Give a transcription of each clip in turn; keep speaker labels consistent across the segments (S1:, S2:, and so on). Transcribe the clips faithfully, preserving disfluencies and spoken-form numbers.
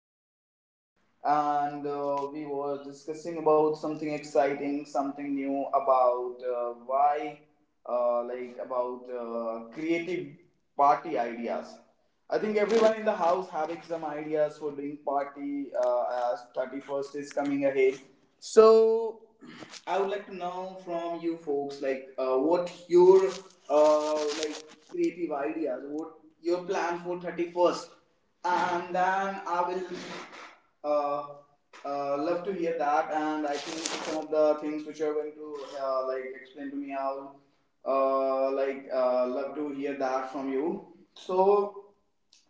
S1: the house, and uh, we were discussing about something exciting, something new about uh, why, uh, like about uh, creative party ideas. I think everyone in the house having some ideas for doing party uh, as thirty first is coming ahead. So I would like to know from you folks like uh, what your uh, like creative ideas, what your plan for thirty first, and then I will uh, uh, love to hear that. And I think some of the things which you are going to uh, like explain to me, I'll uh, like uh, love to hear that from you. So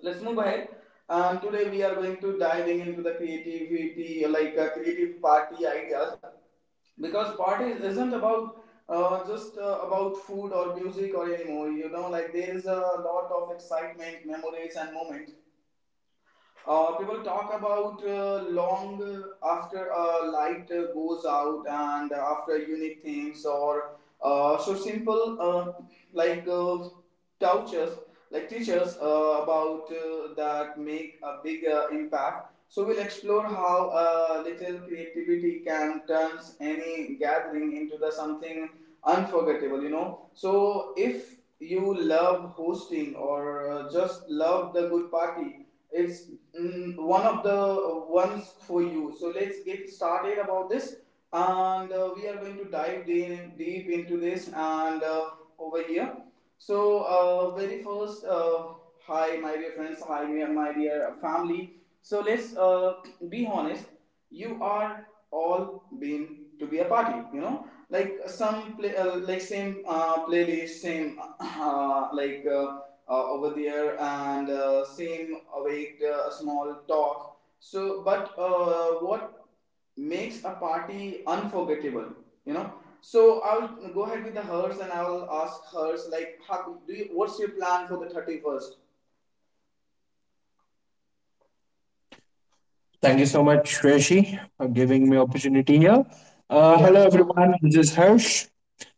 S1: let's move ahead. Um, today we are going to diving into the creativity, like uh, creative party ideas, because party isn't about uh, just uh, about food or music or anymore. You know, like there is a lot of excitement, memories, and moments uh, people talk about uh, long uh, after a light uh, goes out and after unique things or uh, so simple uh, like uh, touches like teachers uh, about uh, that make a big uh, impact, so we'll explore how a little creativity can turn any gathering into the something unforgettable, you know. So if you love hosting or uh, just love the good party, it's mm, one of the uh, ones for you. So let's get started about this, and uh, we are going to dive de- deep into this and uh, over here. So uh, very first, uh, hi my dear friends, hi my my dear family. So let's uh, be honest. You are all been to be a party, you know, like some play, uh, like same uh, playlist, same uh, like. Uh, uh, over there and uh, same await uh, a small talk. So but uh, what makes a party unforgettable, you know? So I'll go ahead with the hers and I'll ask hers like how do you, what's your plan for the thirty first?
S2: Thank you so much, Shreshi, for giving me opportunity here. Uh,
S1: Yeah,
S2: hello,
S1: so
S2: everyone. This is Harsh,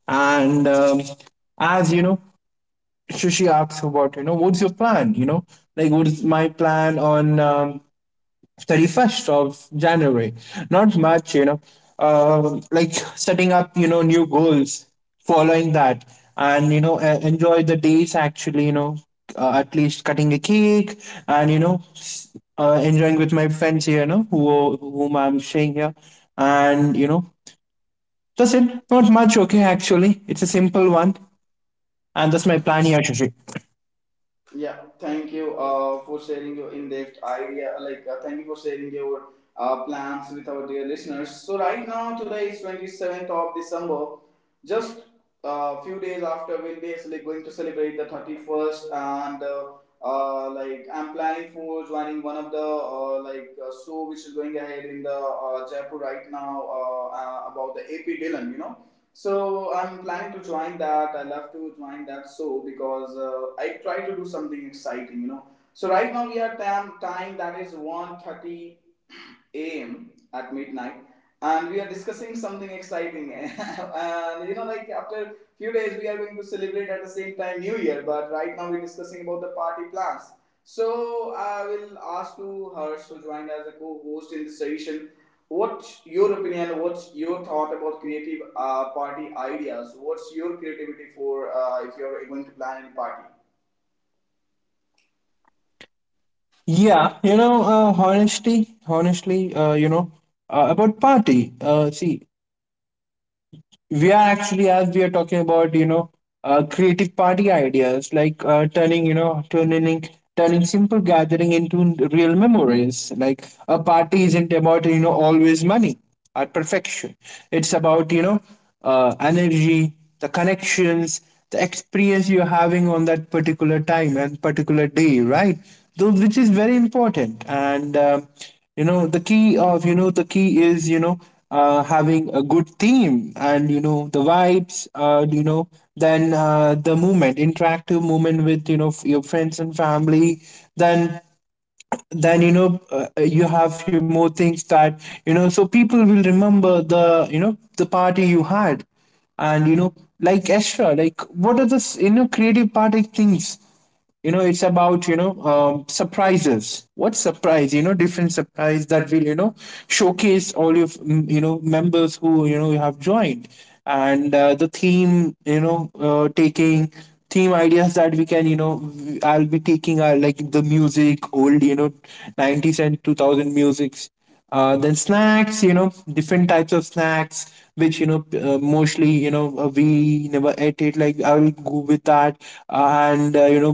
S2: and um, as you know, Shreshi asks about you know what's your plan. You know, like what is my plan on um, thirty-first of January. Not much, you know, uh, like setting up, you know, new goals, following that, and, you know, uh, enjoy the days actually, you know, uh, at least cutting a cake and, you know, s- uh, enjoying with my friends here, you know, who, whom I'm staying here. And, you know, that's it. Not much, okay, actually. It's a simple one. And that's my plan here, Shashi.
S1: yeah, thank you uh, for sharing your in-depth idea. Like, uh, thank you for sharing your uh, plans with our dear listeners. So right now, today is twenty seventh of December. Just a few days after, we'll be actually going to celebrate the thirty first, and uh, uh, like I'm planning for joining one of the uh, like uh, show which is going ahead in the uh, Jaipur right now uh, uh, about the A P Dylan. You know, so I'm planning to join that. I love to join that so because uh, I try to do something exciting, you know. So right now we are tam- time that is one thirty a m at midnight, and we are discussing something exciting. And you know, like after few days we are going to celebrate at the same time New Year, but right now we're discussing about the party plans. So I will ask to Harsh to join as a co-host in this session. What's your opinion, what's your thought about creative uh, party ideas, what's your creativity for uh, if you're going to plan a party?
S2: Yeah, you know, uh, honestly, honestly, uh, you know, uh, about party. Uh, see, we are actually, as we are talking about, you know uh, creative party ideas, like uh, turning, you know turning turning simple gathering into n- real memories. Like, a party isn't about, you know always money or perfection. It's about, you know uh, energy, the connections, the experience you're having on that particular time and particular day, right? Those which is very important. And um you know the key of, you know the key is, you know uh, having a good theme, and you know the vibes. Uh, you know then uh, the movement, interactive movement with, you know f- your friends and family. Then, then you know uh, uh, you have few more things, that, you know so people will remember, the you know the party you had. And you know Like, extra, like, what are the, s- you know creative party things. You know it's about, you know um, surprises. What surprise, you know different surprise, that will, you know showcase all your, mm, you know members who, you know you have joined. And uh, the theme, you know uh, taking theme ideas that we can, you know i i'll be taking, are like the music, old, you know nineties and two thousand musics. Uh, then snacks, you know different types of snacks which, you know uh, mostly, you know uh, we never ate it. Like, I will go with that. Uh, and uh, you know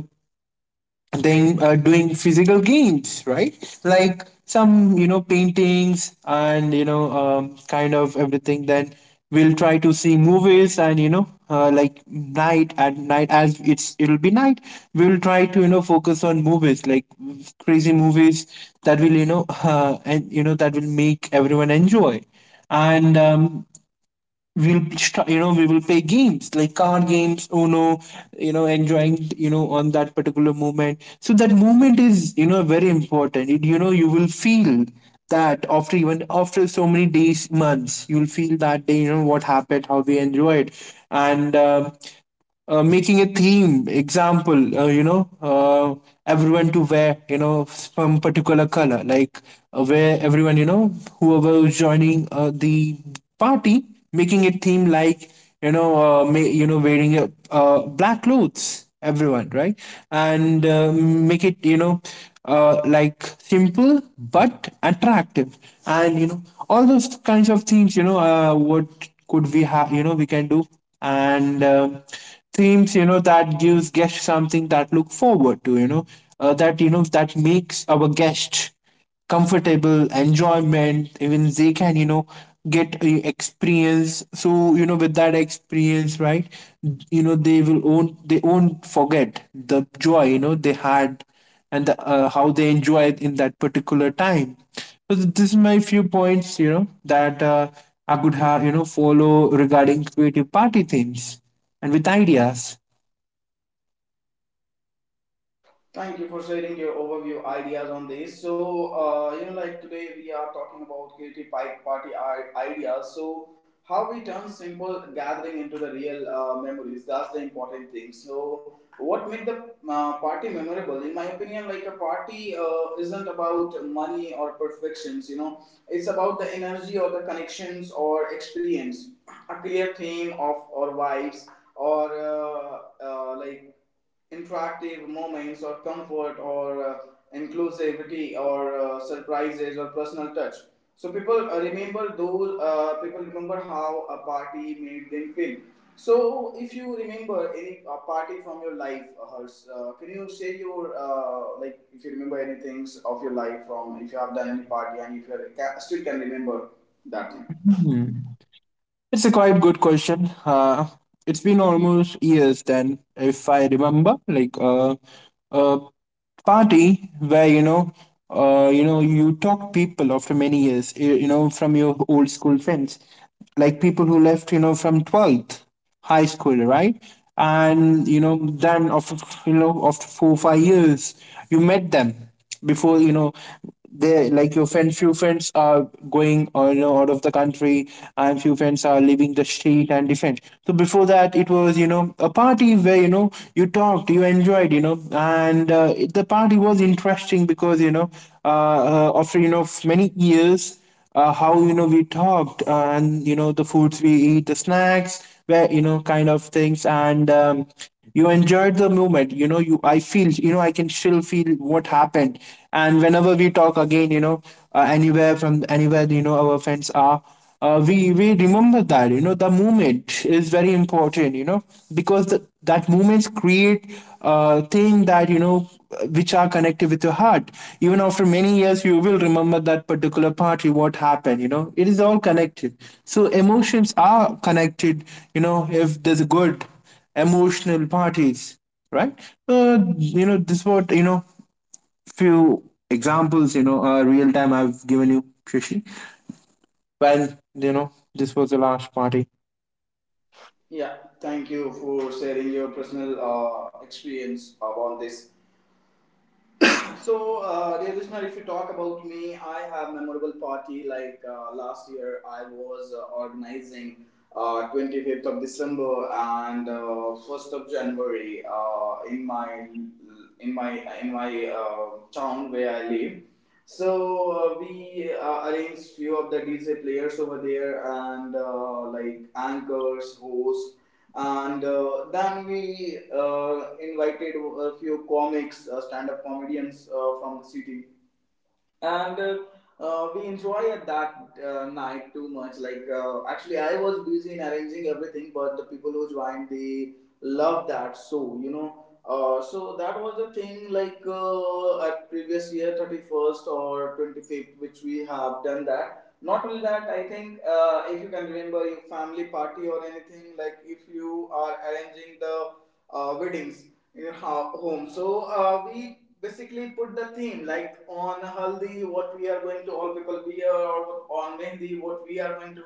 S2: then uh, doing physical games, right? Like some, you know paintings, and you know um, kind of everything. Then we'll try to see movies, and, you know uh, like night, at night as it's it'll be night, we'll try to, you know focus on movies, like crazy movies, that will, you know uh, and you know that will make everyone enjoy. And um, we'll start, you know we will play games, like card games, uno, you know enjoying, you know on that particular moment. So that moment is, you know very important. It, you know You will feel that, after, even after so many days, months, you'll feel that day, you know what happened, how we enjoyed. And um uh, making a theme, example, uh, you know uh, everyone to wear, you know some particular color, like, uh, where everyone, you know whoever is joining uh, the party, making a theme like, you know uh, ma- you know wearing a, uh, black clothes, everyone, right? And uh, make it, you know uh, like simple but attractive. And, you know all those kinds of things. You know uh, what could we have, you know we can do. And uh, themes, you know that gives guests something that look forward to, you know uh, that, you know that makes our guests comfortable, enjoyment, even they can, you know get a experience. So, you know with that experience, right, you know they will own, they won't forget the joy, you know they had, and uh, how they enjoy it in that particular time. So th- this is my few points, you know, that uh, I could have, you know, follow regarding creative party themes and with ideas.
S1: Thank you for sharing your overview ideas on this. So, uh, you know, like today we are talking about creative pi- party i- ideas. So, how we turn simple gathering into the real uh, memories. That's the important thing. So, what make the uh, party memorable? In my opinion, like a party uh, isn't about money or perfections. You know, it's about the energy or the connections or experience. A clear theme of or vibes or uh, uh, like interactive moments or comfort or uh, inclusivity or uh, surprises or personal touch, so people uh, remember those, uh, people remember how a party made them feel. So if you remember any uh, party from your life, uh, Harsh, uh, can you share your uh, like if you remember any things of your life, from if you have done any party and if you ca- still can remember that thing?
S2: It's a quite good question. Uh, it's been almost years then. If I remember, like, uh, a party where, you know, uh, you know, you talk people after many years, you, you know, from your old school friends, like people who left, you know, from twelfth high school, right? And, you know, then after you know, after four five years, you met them. Before, you know they, like, your friend, few friends are going, or, you know out of the country, and few friends are leaving the street, and different. So before that, it was, you know a party where, you know you talked, you enjoyed, you know and uh, the party was interesting because, you know uh, uh, after, you know many years, uh, how, you know we talked, uh, and, you know the foods we eat, the snacks, where, you know kind of things. And um, you enjoyed the moment. You know you i feel you know I can still feel what happened. And whenever we talk again, you know uh, anywhere, from anywhere, you know our friends are, uh, we we remember that, you know the movement is very important, you know because the, that movements create, uh, thing that, you know which are connected with your heart. Even after many years, you will remember that particular party, what happened, you know it is all connected. So emotions are connected. You know if there's a good emotional parties, right, uh, you know this what, you know few examples, you know uh, real time I've given you, Shashi. Well, you know, this was the last party.
S1: Yeah, thank you for sharing your personal uh, experience about this. So, uh, dear listener, if you talk about me, I have memorable party. Like uh, last year, I was uh, organizing uh, twenty fifth of December and uh, first of January uh, in my in my in my uh, town where I live. So uh, we uh, arranged few of the D J players over there and uh, like anchors, hosts, and uh, then we uh, invited a few comics, uh, stand-up comedians uh, from the city, and uh, uh, we enjoy at that uh, night too much. Like uh, actually, I was busy in arranging everything, but the people who joined they love that so, you know. Uh, so that was the thing like uh, at previous year thirty first or twenty fifth which we have done that. Not only that, I think uh, if you can remember your family party or anything, like if you are arranging the uh, weddings in your ho- home. So uh, we basically put the theme like on haldi what we are going to all people wear, or on mehndi what we are going to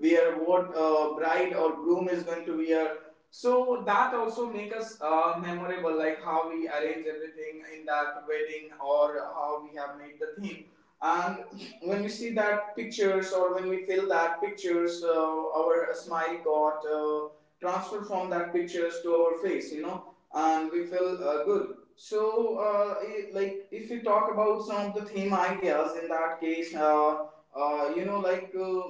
S1: wear, what uh, bride or groom is going to wear. So that also make us uh, memorable, like how we arrange everything in that wedding or how we have made the theme. And when we see that pictures or when we feel that pictures, uh, our smile got uh, transferred from that pictures to our face, you know, and we feel uh, good. So, uh, I- like, if we talk about some of the theme ideas, in that case, uh, uh, you know, like uh,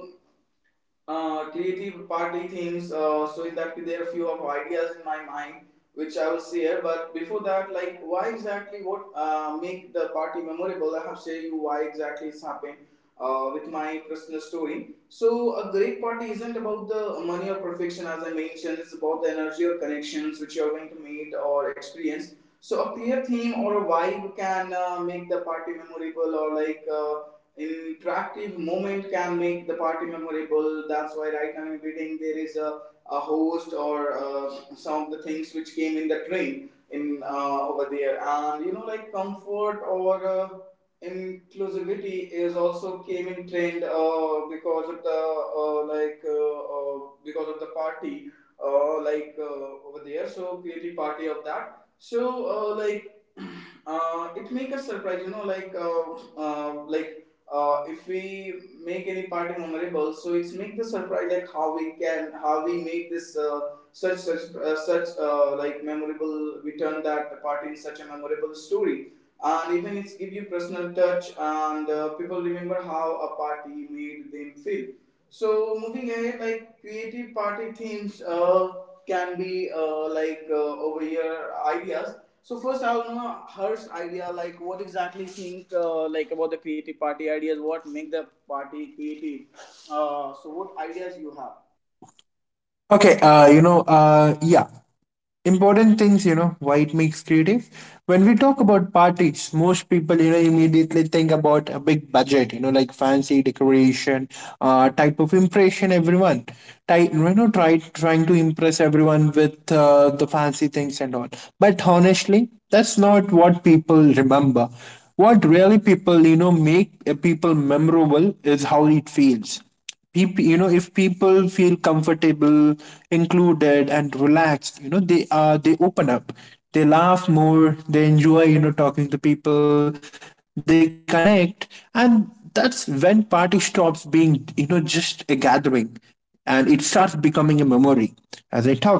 S1: uh, creative party themes. Uh, so in that there are few of ideas in my mind which I will share. But before that, like why exactly, what uh, make the party memorable? I have shared you why exactly it's happened. Uh, with my personal story. So, a great party isn't about the money or perfection, as I mentioned, it's about the energy or connections which you're going to meet or experience. So, a clear theme or a vibe can uh, make the party memorable, or like uh, interactive moment can make the party memorable. That's why right now in wedding there is a, a host or uh, some of the things which came in the train in uh, over there, and you know, like comfort or uh, inclusivity is also came in trend uh, because of the uh, like uh, uh, because of the party uh, like uh, over there. So creative party of that. So uh, like uh, it make us surprise, you know, like uh, uh, like uh, if we make any party memorable, so it's make the surprise, like how we can, how we make this uh, such such uh, such uh, like memorable. We turn that party in such a memorable story, and even it's give you personal touch, and uh, people remember how a party made them feel. So moving ahead, like creative party themes uh, can be uh, like uh, over here ideas. So first, I will know Harsh's idea, like what exactly think uh, like about the creative party ideas, what make the party creative. Uh, so what ideas you have?
S2: Okay, uh, you know, uh, yeah, important things, you know, why it makes creative. When we talk about parties, most people, you know, immediately think about a big budget, you know, like fancy decoration, uh, type of impression everyone, try, you know, try trying to impress everyone with uh, the fancy things and all. But honestly, that's not what people remember. What really people, you know, make uh, people memorable, is how it feels. People, you know if people feel comfortable, included and relaxed, you know they are they open up, they laugh more, they enjoy, you know talking to people, they connect. And that's when party stops being, you know just a gathering, and it starts becoming a memory. As I talked, you know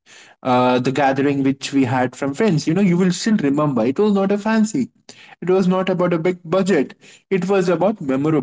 S2: uh, the gathering which we had from friends. You know, you will still remember. It was not a fancy. It was not about a big budget. It was about memorable.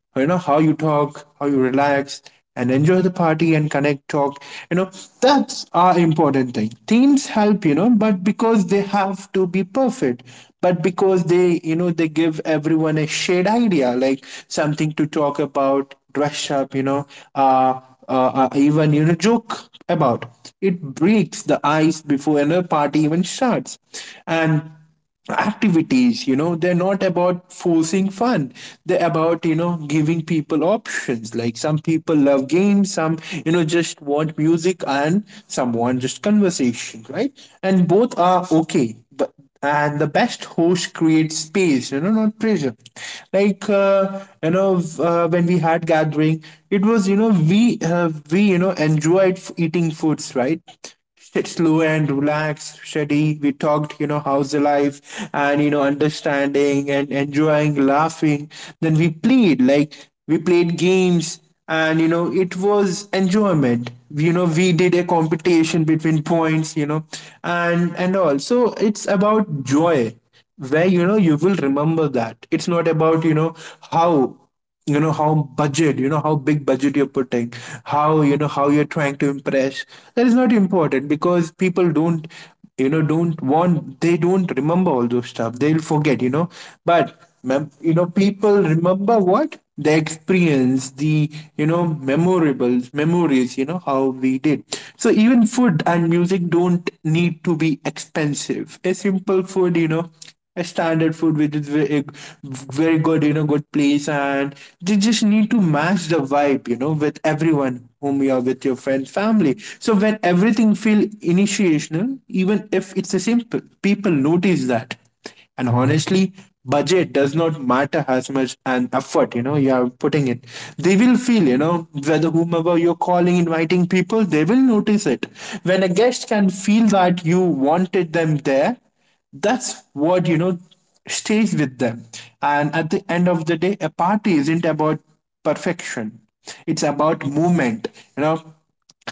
S2: You know, how you talk, how you relax and enjoy the party, and connect, talk. You know, that's our important thing. Themes help, you know, but because they have to be perfect. But because they, you know, they give everyone a shared idea, like something to talk about, dress up, you know, uh, uh, uh, even, you know joke about. It breaks the ice before another party even starts. And activities, you know they're not about forcing fun, they're about, you know giving people options, like some people love games, some, you know just want music, and some want just conversation, right? And both are okay, but, and the best host creates space, you know not pressure. Like, uh, you know uh, when we had gathering, it was, you know we uh, we you know enjoyed f- eating foods, right? Sit slow and relaxed, steady, we talked, you know how's the life, and, you know understanding and enjoying, laughing, then we played, like we played games, and, you know it was enjoyment, you know we did a competition between points, you know and and all. So it's about joy, where, you know you will remember that. It's not about, you know how you know how budget, you know how big budget you're putting, how, you know how you're trying to impress. That is not important, because people don't, you know don't want, they don't remember all those stuff. They'll forget, you know but mem- you know people remember what, the experience, the, you know memorables, memories, you know how we did. So even food and music don't need to be expensive. A simple food, you know a standard food which is very, very good, you know, good place, and they just need to match the vibe, you know, with everyone, whom you are with your friends, family. So when everything feel initiational, even if it's a simple, people notice that. And honestly, budget does not matter as much, and effort, you know, you are putting it. They will feel, you know, whether whomever you're calling, inviting people, they will notice it. When a guest can feel that you wanted them there, that's what you know stays with them. And at the end of the day, a party isn't about perfection, it's about movement, you know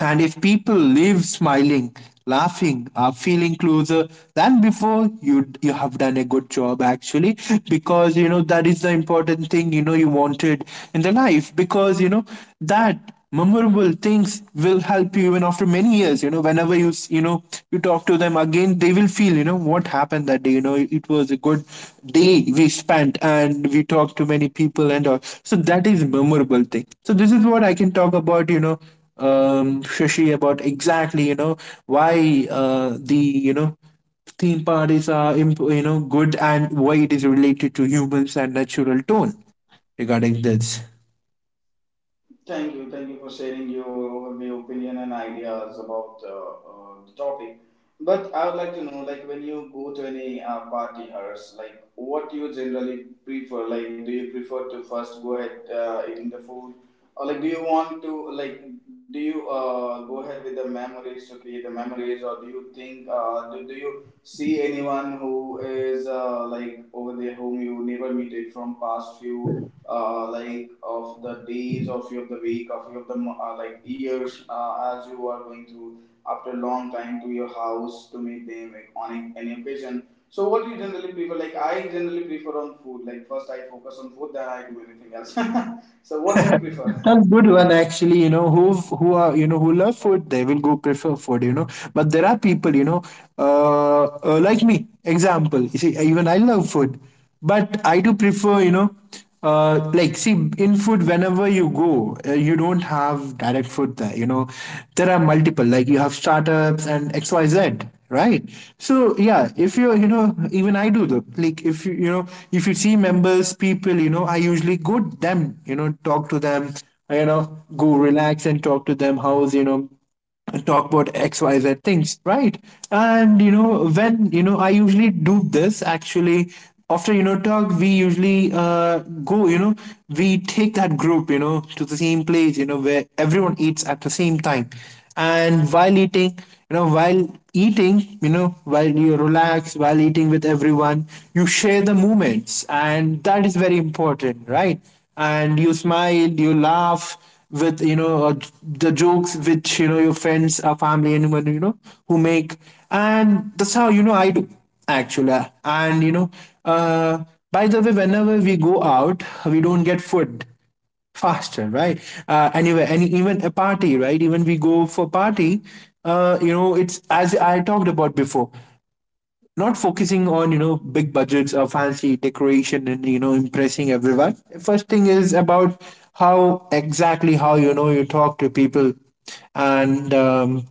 S2: and if people live smiling, laughing, are feeling closer than before, you you have done a good job actually. Because you know that is the important thing, you know you wanted in the life. Because you know that memorable things will help you even after many years, you know whenever you you know you talk to them again, they will feel, you know what happened that day, you know it was a good day we spent and we talked to many people and all. So that is memorable thing. So this is what I can talk about, you know um Shashi, about exactly, you know why uh the you know theme parties are imp- you know good and why it is related to humans and natural tone regarding this.
S1: Thank you. Thank you for sharing your overview, opinion, and ideas about uh, uh, the topic. But I would like to know, like, when you go to any uh, party house, like, what you generally prefer? Like, do you prefer to first go ahead uh, eating the food, or like, do you want to like, do you uh, go ahead with the memories to create the memories? Or do you think, uh, do, do you see anyone who is uh, like over there whom you never meet it from past few uh, like of the days of your, of the week of your, of the mo- uh, like years uh, as you are going through after a long time to your house to meet them, like, on a- any occasion? So what do you generally prefer? Like I generally prefer on food, like first I focus on food then I do anything else. So what do you prefer?
S2: That's good one actually, you know, who who are you know who love food, they will go prefer food, you know. But there are people, you know, uh, uh, like me. Example, you see, even I love food, but I do prefer, you know, uh, like see in food whenever you go, uh, you don't have direct food there, you know. There are multiple, like you have startups and X Y Z, right? So yeah, if you you know even I do the, like if you you know if you see members people, you know I usually go to them, you know talk to them, you know go relax and talk to them. How's, you know and talk about XYZ things, right? And you know when you know I usually do this actually. After you know talk, we usually uh, go, you know we take that group, you know to the same place, you know where everyone eats at the same time. And while eating, you know while eating you know while you relax, while eating with everyone, you share the moments and that is very important, right? And you smile, you laugh with you know uh, the jokes which, you know your friends or family, anyone, you know who make. And that's how, you know I do actually. And you know uh, by the way, whenever we go out we don't get food faster, right? uh, anyway. And even a party, right, even we go for party, uh, you know it's as I talked about before, not focusing on, you know big budgets or fancy decoration and, you know impressing everyone. First thing is about how exactly, how, you know you talk to people. And um,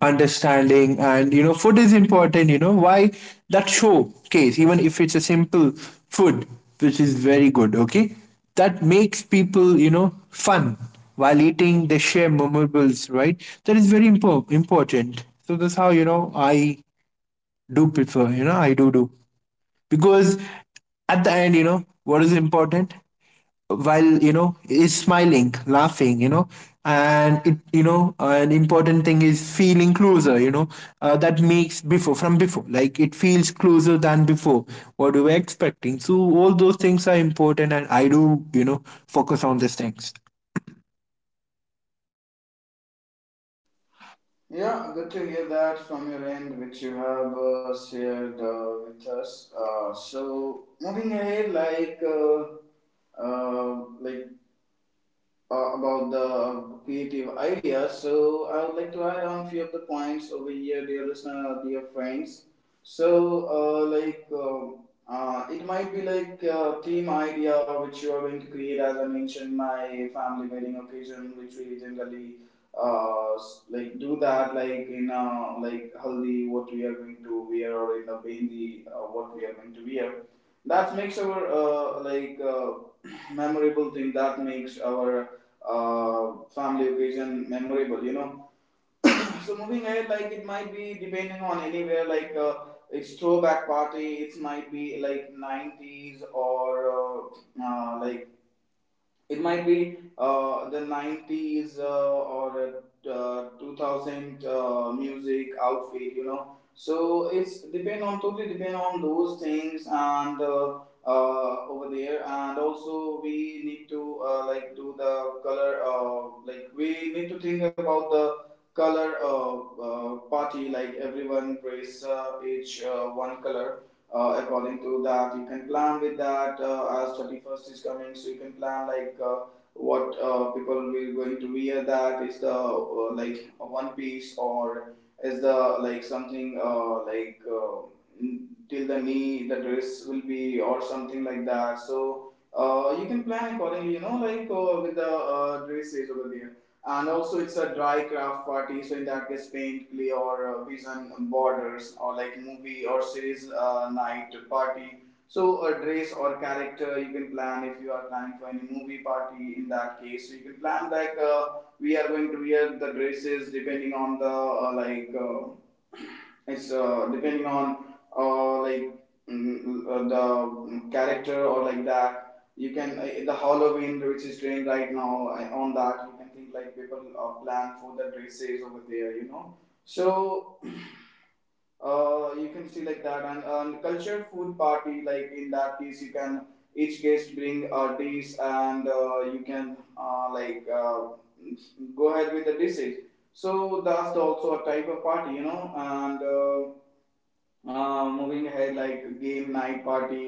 S2: understanding, and you know food is important, you know why. That showcase, even if it's a simple food which is very good, okay, that makes people, you know fun. While eating, they share memorables, right? That is very impo- important. So that's how, you know I do prefer, you know I do do. Because at the end, you know what is important, while, you know is smiling, laughing, you know and it, you know an important thing is feeling closer, you know uh, that makes before from before, like it feels closer than before what we were expecting. So all those things are important, and I do, you know focus on these things.
S1: Yeah, good to hear that from your end which you have uh, shared uh, with us. Uh, so moving ahead like uh, uh, like uh, about the creative ideas. So I would like to add on a few of the points over here, dear listener, dear friends. So uh, like um uh, it might be like a theme idea which you are going to create, as I mentioned, my family wedding occasion, which we generally uh, s- like do that like in uh, like haldi what we are going to wear, or in the behndi uh, what we are going to wear, that makes our uh, like uh, memorable thing, that makes our uh, family occasion memorable, you know. So moving ahead, like it might be depending on anywhere, like uh, it's throwback party, it might be like nineties or uh, uh, like it might be uh, the nineties uh, or uh, two thousand uh, music outfit, you know. So it's depend on totally depend on those things and uh, uh, over there, and also we need to uh, like do the color. Uh, like we need to think about the color uh, uh, party. Like everyone wears uh, each uh, one color uh, according to that you can plan with that uh, as thirty first is coming, so you can plan like uh, what uh, people will going to wear. That is the uh, like a one piece, or is the like something uh, like uh, till the knee the dress will be, or something like that. So uh, you can plan accordingly, you know, like uh, with the uh, dresses over there. And also, it's a dry craft party, so in that case, paint, clay, or uh, vision borders, or like movie or series uh, night party. So, a dress or character you can plan if you are planning for any movie party. In that case, so you can plan like uh, we are going to wear the dresses depending on the uh, like uh, it's uh, depending on uh, like mm, uh, the character or like that. You can uh, the Halloween which is doing right now I, on that you can think like people uh, plan for the dresses over there, you know. So uh, you can see like that. and, and culture food party, like in that case you can each guest bring uh, dish, and uh, you can uh, like uh, go ahead with the dishes. So that's also a type of party, you know. And uh, uh, moving ahead, like game night party,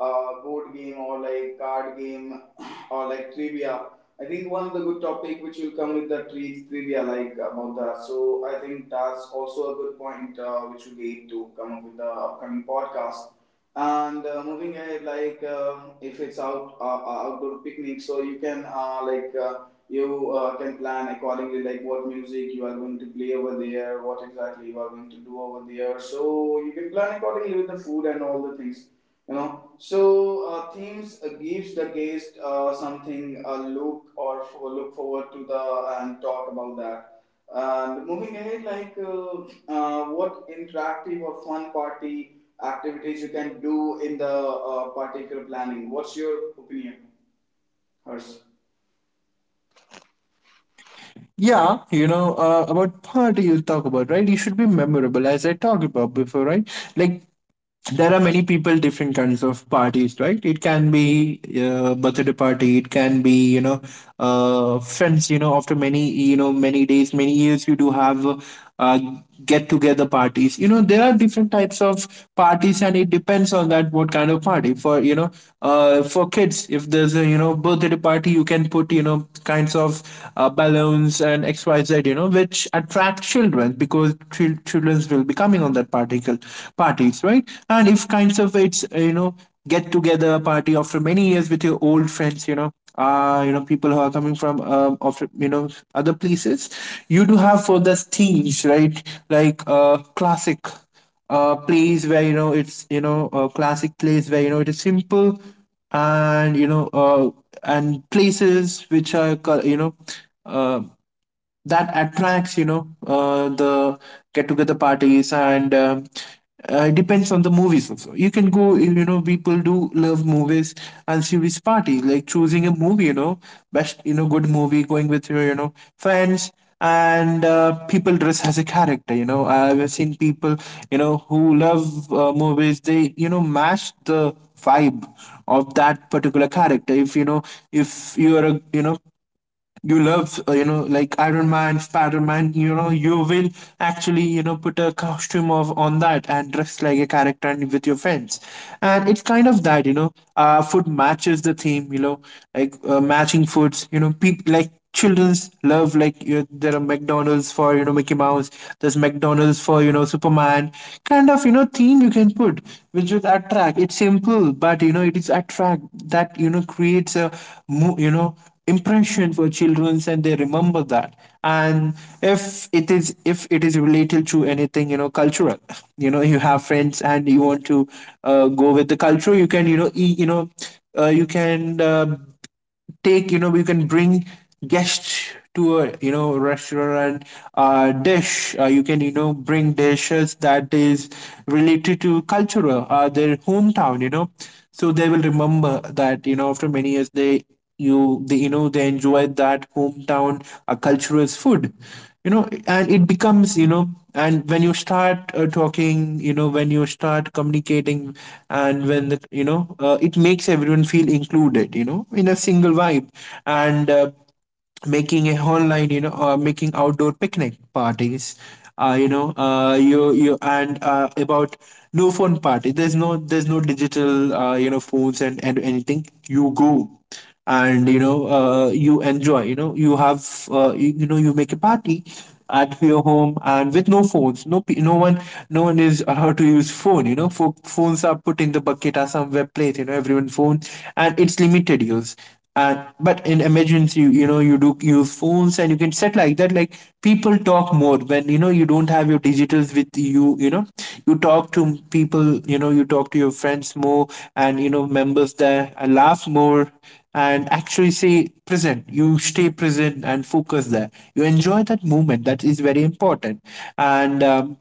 S1: uh, board game or like card game or like trivia. I think one of the good topic which will come with the tri- trivia like about that. So I think that's also a good point uh, which will be to come up with the upcoming podcast. And uh, moving ahead, like uh, if it's out uh, uh, outdoor picnic, so you can uh, like. Uh, you uh, can plan accordingly like what music you are going to play over there, what exactly you are going to do over there. So you can plan accordingly with the food and all the things, you know. So uh, themes uh, gives the guest uh, something uh, look or for, look forward to the and talk about that. And moving ahead like uh, uh, what interactive or fun party activities you can do in the uh, particular planning. What's your opinion, hers?
S2: Yeah, you know uh, about party you talk about, right? You should be memorable, as I talked about before, right? Like there are many people, different kinds of parties, right? It can be uh, birthday party, it can be, you know uh, friends, you know after many, you know many days, many years, you do have uh, uh, get together parties, you know there are different types of parties, and it depends on that what kind of party for, you know uh, for kids. If there's a, you know birthday party, you can put, you know kinds of uh, balloons and XYZ, you know which attract children, because chil- childrens will be coming on that particle parties, right? And if kinds of it's, uh, you know get together party after many years with your old friends, you know uh you know people who are coming from um after, you know other places, you do have for the themes, right? Like uh classic uh plays where, you know it's, you know uh, classic plays where, you know it is simple. And you know uh and places which are, you know uh, that attracts, you know uh, the get together parties. And um uh, it depends on the movies also, you can go, you know people do love movies. And see which party, like choosing a movie, you know best, you know good movie, going with your, you know friends. And uh, people dress as a character, you know I've seen people, you know who love uh, movies, they, you know match the vibe of that particular character. If, you know if you are a, you know you love, uh, you know like Iron Man, Spider-Man, you know you will actually, you know put a costume of on that and dress like a character and with your friends. And it's kind of that, you know uh food matches the theme, you know like uh, matching foods, you know people like children's love, like, you know, there are McDonald's for, you know Mickey Mouse. There's McDonald's for, you know Superman. Kind of, you know theme you can put, which would attract. It's simple, but, you know it is attract, that, you know creates a mo- you know impression for children and they remember that. And if it is, if it is related to anything, you know cultural, you know you have friends and you want to uh, go with the culture, you can, you know e- you know uh, you can uh, take, you know you can bring guests to a, you know restaurant uh dish, uh, you can, you know bring dishes that is related to culture, uh, their hometown, you know so they will remember that, you know after many years they, you they, you know they enjoyed that hometown uh, cultural food, you know and it becomes, you know and when you start uh, talking, you know when you start communicating, and when the, you know uh, it makes everyone feel included, you know in a single vibe. And uh, making a online, you know uh, making outdoor picnic parties, uh, you know uh, you you and uh, about no phone party, there's no, there's no digital uh, you know phones and, and anything you go. And, you know uh, you enjoy, you know you have uh, you, you know you make a party at your home and with no phones, no pe- no one, no one is allowed to use phone, you know Pho- phones are put in the bucket or somewhere place, you know everyone phone, and it's limited use. And but in emergency, you know you do use phones, and you can set like that. Like people talk more when, you know you don't have your digitals with you, you know you talk to people, you know you talk to your friends more. And, you know members there, and laugh more. And actually say present, you stay present and focus there, you enjoy that moment, that is very important. And um,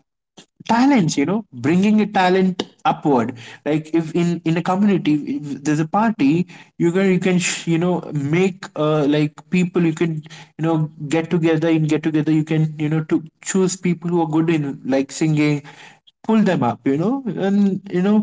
S2: talents, you know bringing a talent upward. Like if, in in a community, if there's a party, you can, you can sh- you know make, uh, like people, you can, you know get together, in get together you can, you know to choose people who are good in, like, singing, pull them up, you know and you know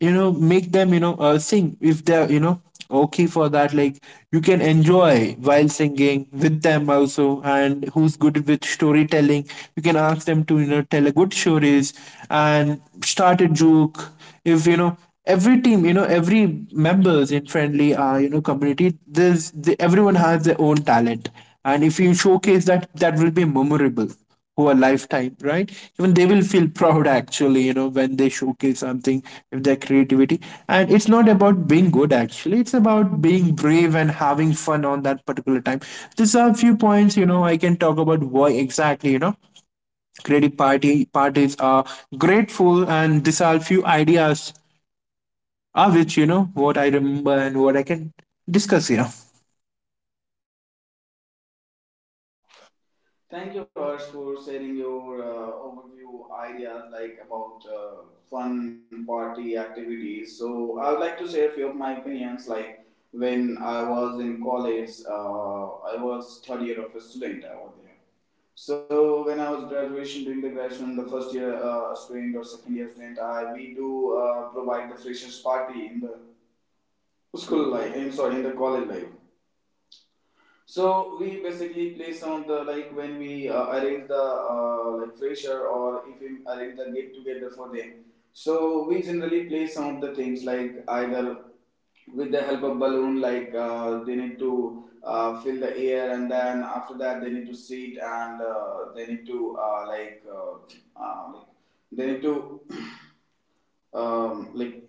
S2: you know make them, you know uh, sing if they're, you know okay for that. Like you can enjoy while singing with them also. And who's good with storytelling, you can ask them to, you know tell a good stories, and start a joke. If, you know every team, you know every members in friendly, uh, you know community, there's the, everyone has their own talent. And if you showcase that, that will be memorable over lifetime, right? Even they will feel proud actually, you know, when they showcase something with their creativity. And it's not about being good actually, it's about being brave and having fun on that particular time. These are a few points, you know, I can talk about why exactly, you know, creative party parties are grateful, and these are a few ideas of which, you know, what I remember and what I can discuss here.
S1: Thank you, Harsh, for sharing your uh, overview ideas like about uh, fun party activities. So I would like to share a few of my opinions. Like when I was in college, uh, I was third year of a student over there. So when I was graduation, during the graduation, the first year uh, student or second year student, I we do uh, provide the freshers party in the school life. I'm sorry, in the college life. So we basically play some of the like when we uh, arrange the uh, like fresher, or if we arrange the get together for them. So we generally play some of the things like either with the help of balloon, like uh, they need to uh, fill the air, and then after that they need to sit and uh, they need to uh, like uh, uh, like they need to um, like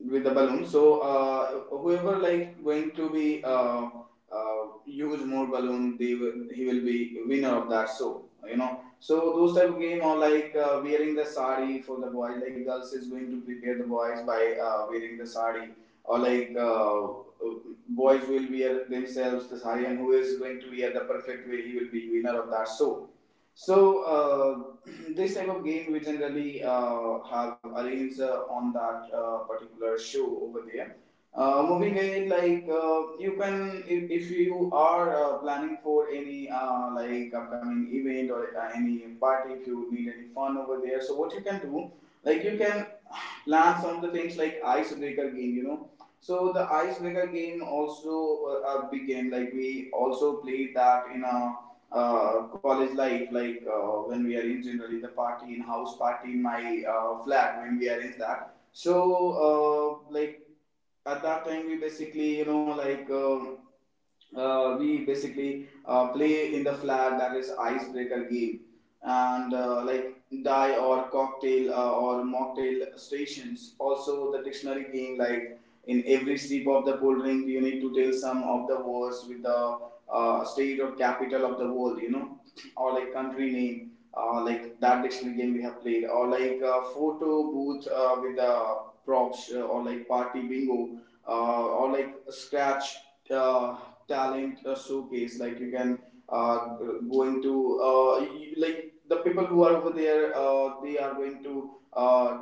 S1: with the balloon. So uh, whoever like going to be uh, uh, use more balloon, they will, he will be winner of that. So you know, so those type of game, or like uh, wearing the sari for the boys. Like girls is going to prepare the boys by uh, wearing the sari, or like uh, boys will wear themselves the sari, and who is going to wear the perfect way, he will be winner of that. So so uh, this type of game we generally uh, have arranged uh, on that uh, particular show over there. Uh, moving ahead, like uh, you can, if, if you are uh, planning for any uh, like upcoming event or uh, any party, if you need any fun over there, so what you can do, like you can plan some of the things like icebreaker game, you know. So the icebreaker game also uh, a big game, like we also played that in a uh, college life, like uh, when we are in generally the party in house party in my uh, flat when we arrange that. So uh, like at that time we basically, you know, like um uh, we basically uh, play in the flat that is icebreaker game. And uh, like die or cocktail uh, or mocktail stations, also the dictionary game, like in every sip of the cold drink you need to tell some of the words with the uh, state or capital of the world, you know, or like country name uh, like that dictionary game we have played, or like uh, photo booth uh, with the props uh, or like party bingo uh, or like scratch uh, talent uh, showcase. Like you can uh, go into uh, you, like the people who are over there. Uh, they are going to uh,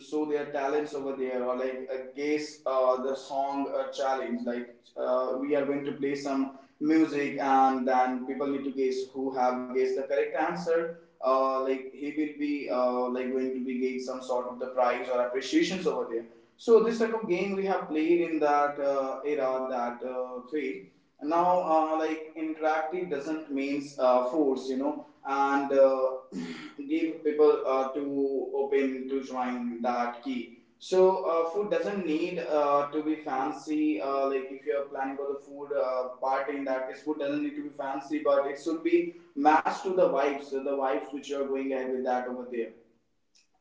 S1: show their talents over there, or like uh, guess uh, the song uh, challenge. Like uh, we are going to play some music, and then people need to guess who have guessed the correct answer. Uh, like he will be uh, like going to be getting some sort of the prize or appreciations over there. So this type of game we have played in that uh, era, that uh, phase now. Uh, like interactive doesn't means uh, force, you know. And uh, give people uh, to open to join that key. So uh, food doesn't need uh, to be fancy. Uh, like if you're planning for the food uh, party, in that case food doesn't need to be fancy, but it should be matched to the vibes, so the vibes which you're going ahead with that over there.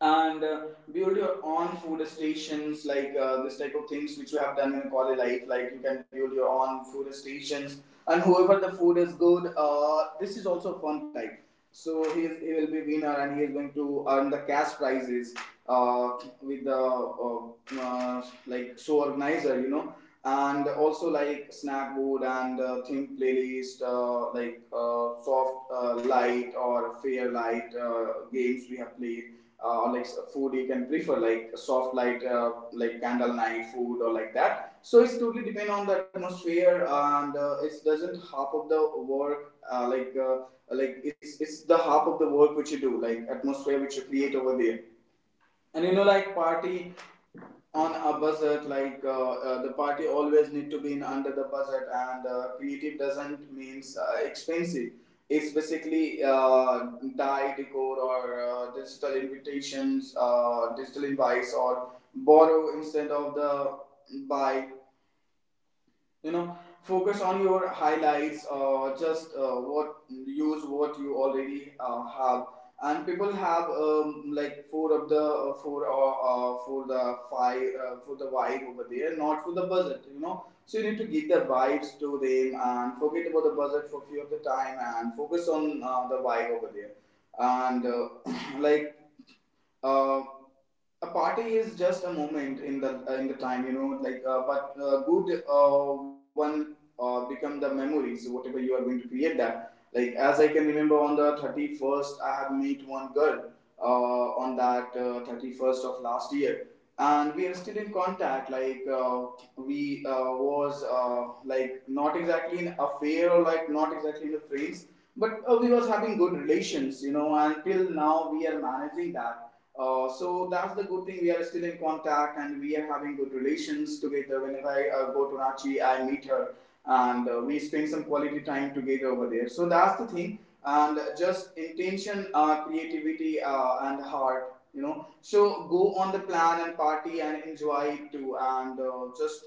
S1: And uh, build your own food stations, like uh, this type of things which you have done in a college life, like you can build your own food stations and whoever the food is good, uh, this is also a fun type. So he, is, he will be winner and he is going to earn the cash prizes uh, with the uh, uh, like show organizer, you know. And also like snack board and uh, theme playlist uh, like uh, soft uh, light or fair light uh, games we have played, uh, or like food you can prefer like a soft light uh, like candle night food or like that. So it's totally depend on the atmosphere, and uh, it doesn't half of the work uh, like uh, like it's it's the half of the work which you do, like atmosphere which you create over there. And you know, like party on a buzzard, like uh, uh, the party always need to be in under the buzzard. And uh, creative doesn't means uh, expensive. It's basically uh, dye decor, or uh, digital invitations, uh, digital invites, or borrow instead of the buy, you know. Focus on your highlights, or just uh, what use what you already uh, have. And people have um, like four of the uh, four uh uh, for the five uh, for the vibe over there, not for the budget, you know. So you need to give the vibes to them and forget about the budget for few of the time and focus on uh, the vibe over there. And uh, like uh, a party is just a moment in the uh, in the time, you know. Like uh, but uh, good uh, one uh, become the memories whatever you are going to create that. Like as I can remember, on the thirty first I have met one girl uh, on that uh, thirty first of last year, and we are still in contact. Like uh, we uh, was uh, like not exactly in affair or like not exactly in the friends, but uh, we was having good relations, you know, and till now we are managing that. Uh, so that's the good thing. We are still in contact and we are having good relations together. Whenever I uh, go to Ranchi, I meet her, and uh, we spend some quality time together over there. So that's the thing. And just intention, uh, creativity, uh, and heart, you know. So go on the plan and party and enjoy it too. And uh, just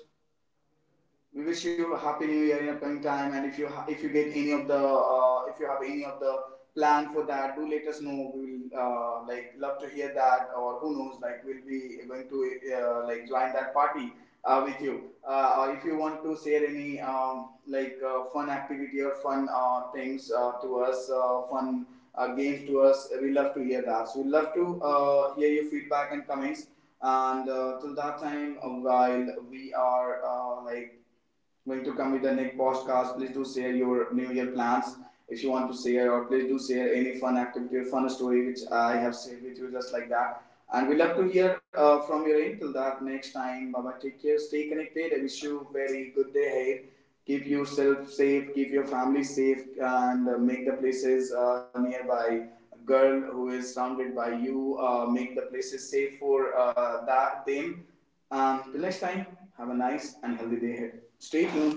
S1: we wish you a happy and upcoming time. And if you ha- if you get any of the uh, if you have any of the plan for that, do let us know. We will uh, like love to hear that, or who knows, like we'll be going to uh, like join that party uh, with you. Uh, or if you want to share any um, like uh, fun activity or fun uh, things uh, to us, uh, fun uh, games to us, we love to hear that. So we love to uh, hear your feedback and comments. And uh, till that time, uh, while we are uh, like going to come with the next podcast. Please do share your New Year plans if you want to share, or please do share any fun activity or fun story which I have shared with you, just like that. And we love to hear uh, from your end. Till that next time, bye bye. Take care, stay connected. I wish you very good day ahead. Keep yourself safe, keep your family safe, and uh, make the places uh, nearby girl who is surrounded by you. Uh, make the places safe for uh, that them. Um, till next time, have a nice and healthy day ahead. Stay tuned.